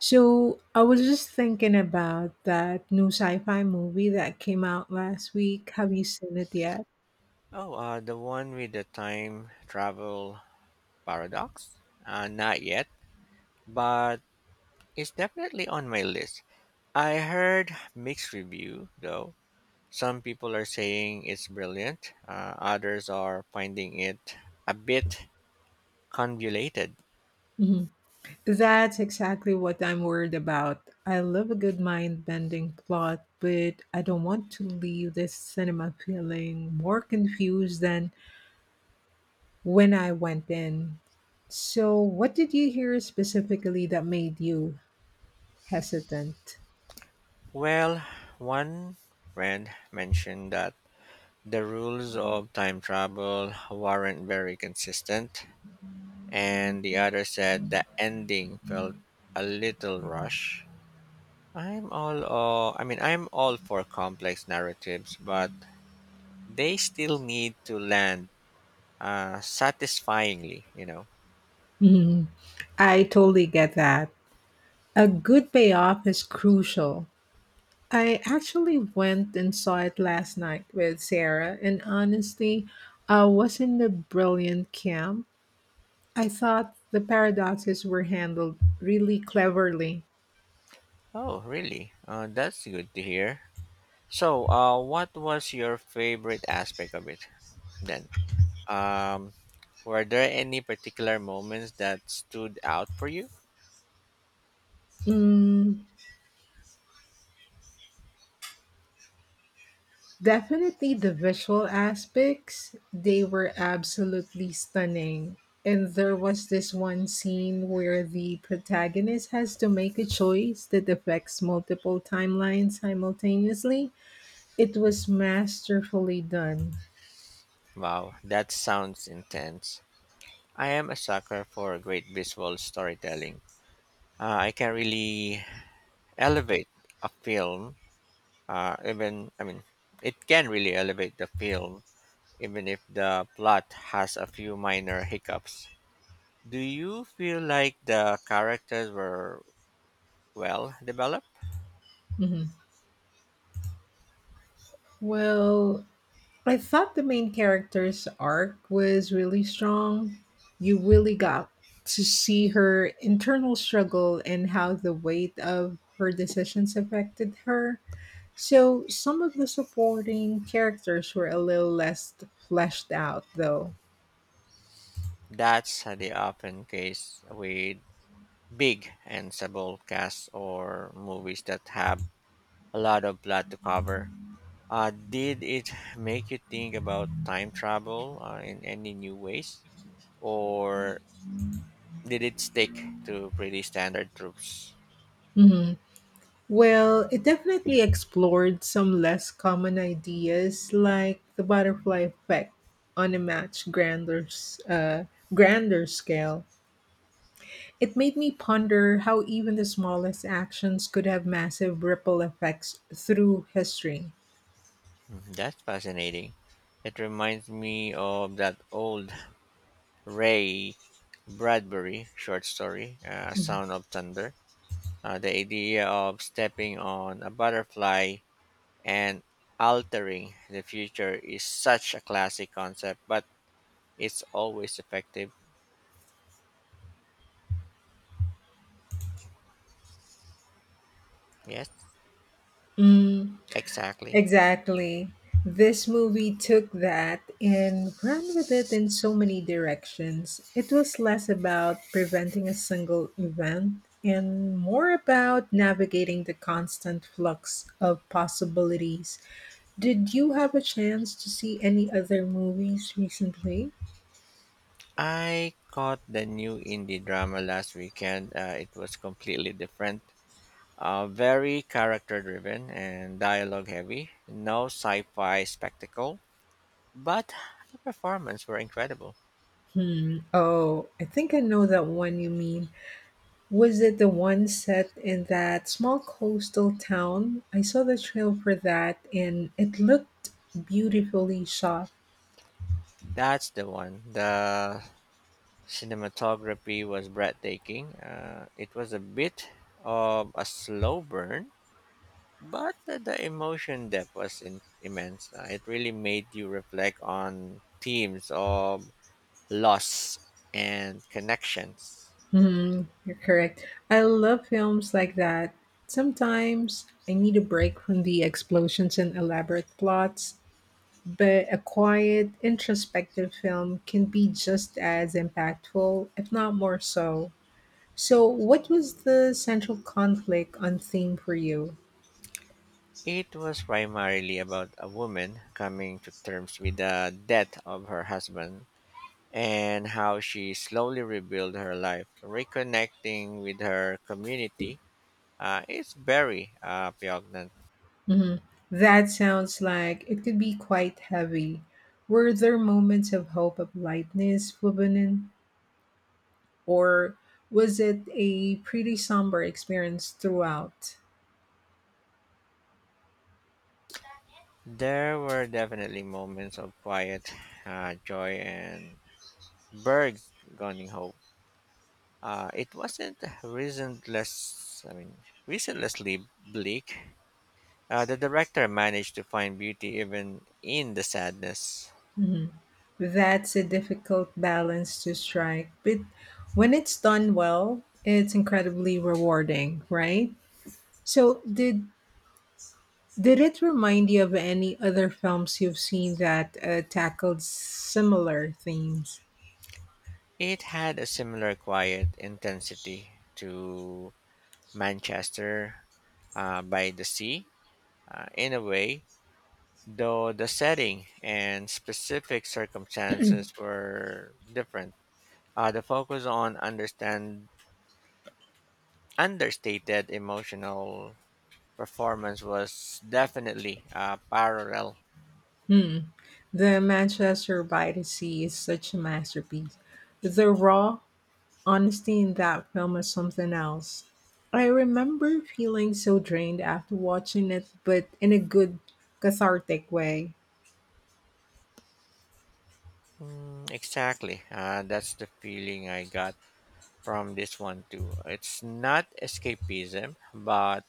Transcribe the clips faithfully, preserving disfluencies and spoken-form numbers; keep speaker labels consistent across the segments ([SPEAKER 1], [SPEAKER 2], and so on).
[SPEAKER 1] So I was just thinking about that new sci-fi movie that came out last week. Have you seen it yet?
[SPEAKER 2] Oh, uh, the one with the time travel paradox? Uh, not yet, but it's definitely on my list. I heard mixed review though. Some people are saying it's brilliant. Uh, others are finding it a bit convoluted.
[SPEAKER 1] Mhm. That's exactly what I'm worried about. I love a good mind-bending plot, but I don't want to leave the cinema feeling more confused than when I went in. So, what did you hear specifically that made you hesitant?
[SPEAKER 2] Well, one friend mentioned that the rules of time travel weren't very consistent, and the other said the ending felt a little rushed I'm all uh, I mean I'm all for complex narratives, but they still need to land uh, satisfyingly, you know.
[SPEAKER 1] Mhm. I totally get that. A good payoff is crucial. I actually went and saw it last night with Sarah, and honestly, I was in the brilliant camp. I thought the paradoxes were handled really cleverly.
[SPEAKER 2] Oh, really? Uh, that's good to hear. So, uh, what was your favorite aspect of it then? Um, were there any particular moments that stood out for you?
[SPEAKER 1] Mm, definitely the visual aspects, they were absolutely stunning. And there was this one scene where the protagonist has to make a choice that affects multiple timelines simultaneously. It was masterfully done.
[SPEAKER 2] Wow, that sounds intense. I am a sucker for great visual storytelling. Uh, I can really elevate a film Uh, even I mean, it can really elevate the film, even if the plot has a few minor hiccups. Do you feel like the characters were well developed?
[SPEAKER 1] Hmm. Well, I thought the main character's arc was really strong. You really got to see her internal struggle and how the weight of her decisions affected her. So, some of the supporting characters were a little less fleshed out, though.
[SPEAKER 2] That's the often case with big and ensemble casts or movies that have a lot of plot to cover. Uh, did it make you think about time travel uh, in any new ways, or did it stick to pretty standard tropes?
[SPEAKER 1] Well, it definitely explored some less common ideas like the butterfly effect on a much grander, s- uh, grander scale. It made me ponder how even the smallest actions could have massive ripple effects through history.
[SPEAKER 2] Mm, that's fascinating. It reminds me of that old Ray Bradbury short story, uh, A Sound of Thunder. Uh, the idea of stepping on a butterfly and altering the future is such a classic concept, but it's always effective. Yes,
[SPEAKER 1] Mm.
[SPEAKER 2] exactly.
[SPEAKER 1] Exactly. This movie took that and ran with it in so many directions. It was less about preventing a single event and more about navigating the constant flux of possibilities. Did you have a chance to see any other movies recently?
[SPEAKER 2] I caught the new indie drama last weekend. Uh, it was completely different. Uh, very character driven and dialogue heavy. No sci fi spectacle, but the performance were incredible.
[SPEAKER 1] Hmm. Oh, I think I know that one you mean. Was it the one set in that small coastal town? I saw the trailer for that and it looked beautifully shot.
[SPEAKER 2] That's the one. The cinematography was breathtaking. Uh, it was a bit of a slow burn, but the, the emotion depth was in, immense. Uh, it really made you reflect on themes of loss and connections.
[SPEAKER 1] Hmm, you're correct. I love films like that. Sometimes I need a break from the explosions and elaborate plots, but a quiet, introspective film can be just as impactful, if not more so. So, what was the central conflict on theme for you?
[SPEAKER 2] It was primarily about a woman coming to terms with the death of her husband and how she slowly rebuilt her life, reconnecting with her community. Uh, it's very uh, poignant.
[SPEAKER 1] Mhm. That sounds like it could be quite heavy. Were there moments of hope of lightness, Flubanin, or was it a pretty somber experience throughout?
[SPEAKER 2] There were definitely moments of quiet uh, joy and burgeoning hope. Uh, it wasn't reasonless. I mean, reasonlessly bleak. Uh, the director managed to find beauty even in the sadness.
[SPEAKER 1] Mhm. That's a difficult balance to strike, but when it's done well, it's incredibly rewarding, right? So, did did it remind you of any other films you've seen that uh, tackled similar themes?
[SPEAKER 2] It had a similar quiet intensity to Manchester uh, by the Sea uh, in a way, though the setting and specific circumstances were different. Uh, the focus on understand understated emotional performance was definitely uh, parallel.
[SPEAKER 1] Hmm. The Manchester by the Sea is such a masterpiece. The raw honesty in that film is something else. I remember feeling so drained after watching it, but in a good, cathartic way.
[SPEAKER 2] Mm, exactly. Uh, that's the feeling I got from this one too. It's not escapism, but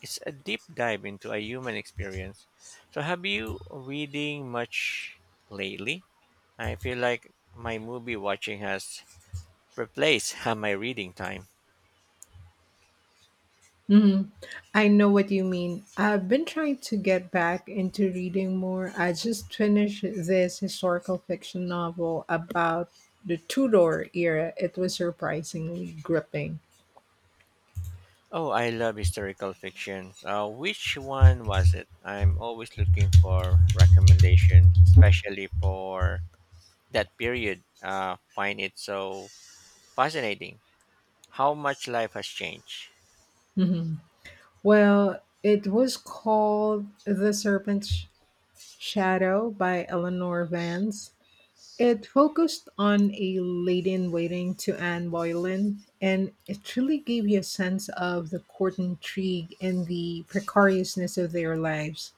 [SPEAKER 2] it's a deep dive into a human experience. So, have you reading much lately? I feel like my movie watching has replaced my reading time.
[SPEAKER 1] Hmm. I know what you mean. I've been trying to get back into reading more. I just finished this historical fiction novel about the Tudor era. It was surprisingly gripping.
[SPEAKER 2] Oh, I love historical fiction. Uh, which one was it? I'm always looking for recommendation, especially for that period. Uh, find it so fascinating. How much life has changed.
[SPEAKER 1] Hmm. Well, it was called The Serpent's Shadow by Eleanor Vance. It focused on a lady in waiting to Anne Boleyn, and it really gave you a sense of the court intrigue and the precariousness of their lives.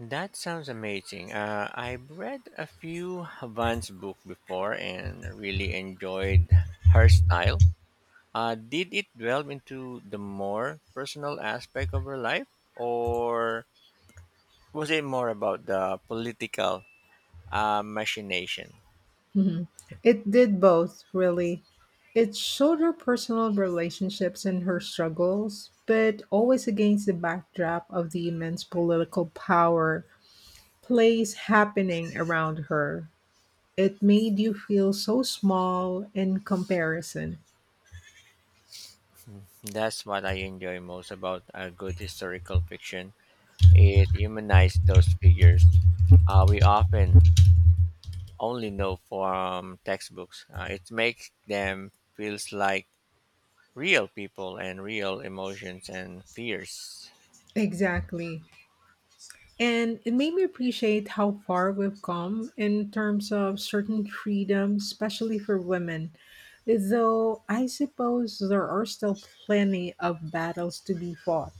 [SPEAKER 2] That sounds amazing. Uh, I've read a few Vance book before and really enjoyed her style. Uh, did it delve into the more personal aspect of her life, or was it more about the political uh, machination?
[SPEAKER 1] Mhm. It did both, really. It showed her personal relationships and her struggles, but always against the backdrop of the immense political power. Place happening around her. It made you feel so small in comparison.
[SPEAKER 2] Hmm, that's what I enjoy most about a good historical fiction. It humanizes those figures uh, we often only know from textbooks. Uh, it makes them feels like real people and real emotions and fears.
[SPEAKER 1] Exactly. And it made me appreciate how far we've come in terms of certain freedoms, especially for women. Though I suppose there are still plenty of battles to be fought.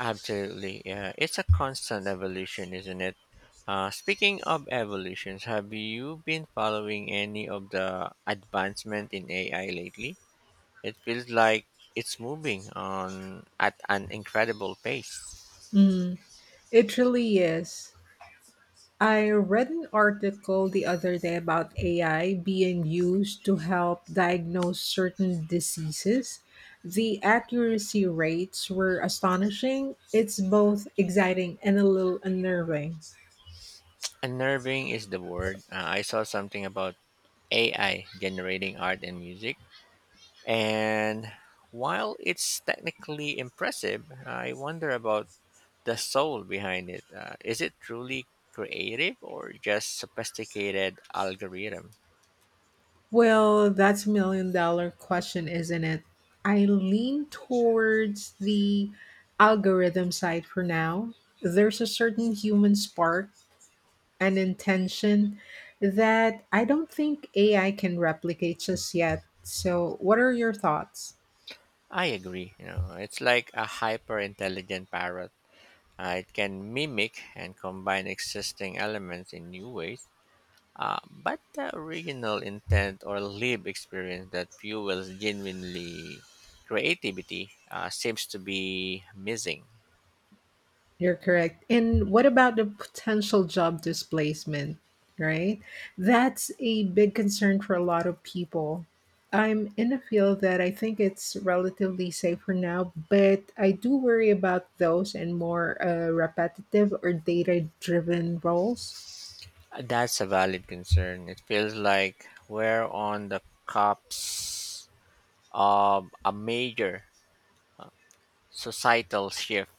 [SPEAKER 2] Absolutely. Yeah. It's a constant evolution, isn't it? Uh, speaking of evolutions, have you been following any of the advancement in A I lately? It feels like it's moving on at an incredible pace.
[SPEAKER 1] Mm, it really is. I read an article the other day about A I being used to help diagnose certain diseases. The accuracy rates were astonishing. It's both exciting and a little unnerving.
[SPEAKER 2] Unnerving is the word. Uh, I saw something about A I generating art and music, and while it's technically impressive, I wonder about the soul behind it. Uh, is it truly creative or just sophisticated algorithm?
[SPEAKER 1] Well, that's a million dollar question, isn't it? I lean towards the algorithm side for now. There's a certain human spark and intention that I don't think A I can replicate just yet. So, what are your thoughts?
[SPEAKER 2] I agree. You know, it's like a hyper intelligent parrot. Uh, it can mimic and combine existing elements in new ways. Uh, but the original intent or live experience that fuels genuinely creativity uh, seems to be missing.
[SPEAKER 1] You're correct. And what about the potential job displacement, right? That's a big concern for a lot of people. I'm in a field that I think it's relatively safe for now, but I do worry about those and more uh, repetitive or data driven roles.
[SPEAKER 2] That's a valid concern. It feels like we're on the cops of a major uh, societal shift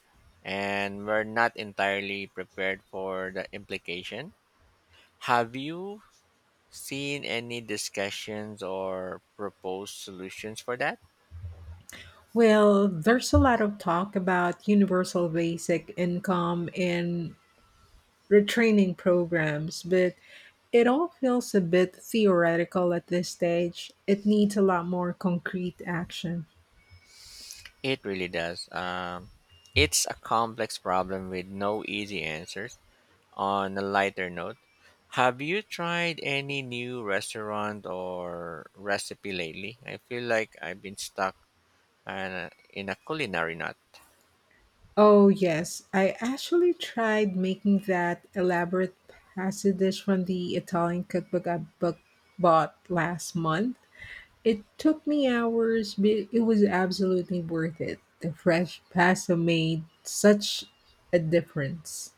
[SPEAKER 2] and we're not entirely prepared for the implication. Have you seen any discussions or proposed solutions for that?
[SPEAKER 1] Well, there's a lot of talk about universal basic income and retraining programs, but it all feels a bit theoretical at this stage. It needs a lot more concrete action.
[SPEAKER 2] It really does. Um, it's a complex problem with no easy answers. On a lighter note, have you tried any new restaurant or recipe lately? I feel like I've been stuck uh, in a culinary nut.
[SPEAKER 1] Oh, yes, I actually tried making that elaborate pasta dish from the Italian cookbook I book- bought last month. It took me hours, but it was absolutely worth it. The fresh pasta made such a difference.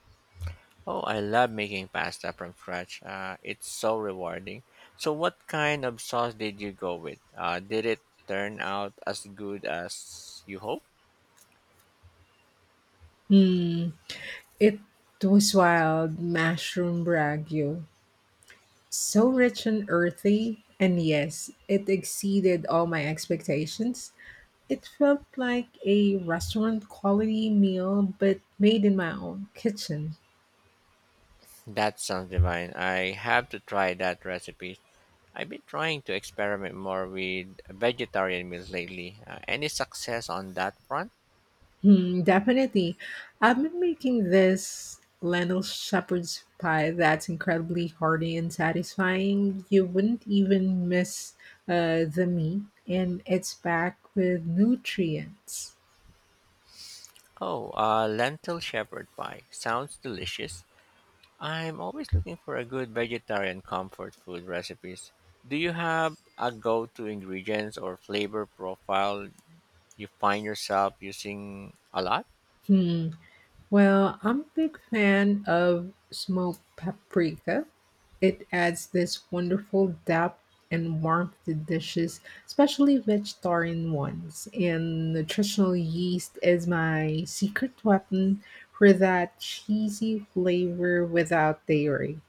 [SPEAKER 2] Oh, I love making pasta from scratch. Uh, it's so rewarding. So, what kind of sauce did you go with? Uh, did it turn out as good as you hoped?
[SPEAKER 1] Hmm. It was wild mushroom ragu. So rich and earthy, and yes, it exceeded all my expectations. It felt like a restaurant quality meal, but made in my own kitchen.
[SPEAKER 2] That sounds divine. I have to try that recipe. I've been trying to experiment more with vegetarian meals lately. Uh, any success on that front?
[SPEAKER 1] Hmm, definitely. I've been making this lentil shepherd's pie that's incredibly hearty and satisfying. You wouldn't even miss uh, the meat, and it's packed with nutrients.
[SPEAKER 2] Oh, uh, lentil shepherd pie. Sounds delicious. I'm always looking for a good vegetarian comfort food recipes. Do you have a go-to ingredients or flavor profile you find yourself using a lot?
[SPEAKER 1] Hmm. Well, I'm a big fan of smoked paprika. It adds this wonderful depth and warmth to dishes, especially vegetarian ones. And nutritional yeast is my secret weapon for that cheesy flavor without dairy.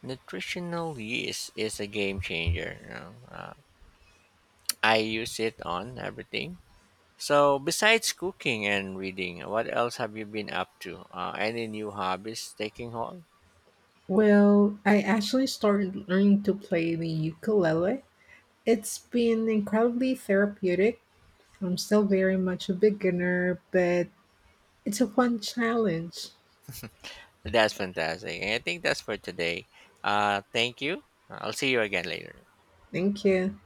[SPEAKER 2] Nutritional yeast is a game changer. You know? uh, I use it on everything. So besides cooking and reading, what else have you been up to? Uh, any new hobbies taking hold?
[SPEAKER 1] Well, I actually started learning to play the ukulele. It's been incredibly therapeutic. I'm still very much a beginner, but It's a fun challenge.
[SPEAKER 2] That's fantastic. And I think that's for today. Uh, thank you. I'll see you again later.
[SPEAKER 1] Thank you.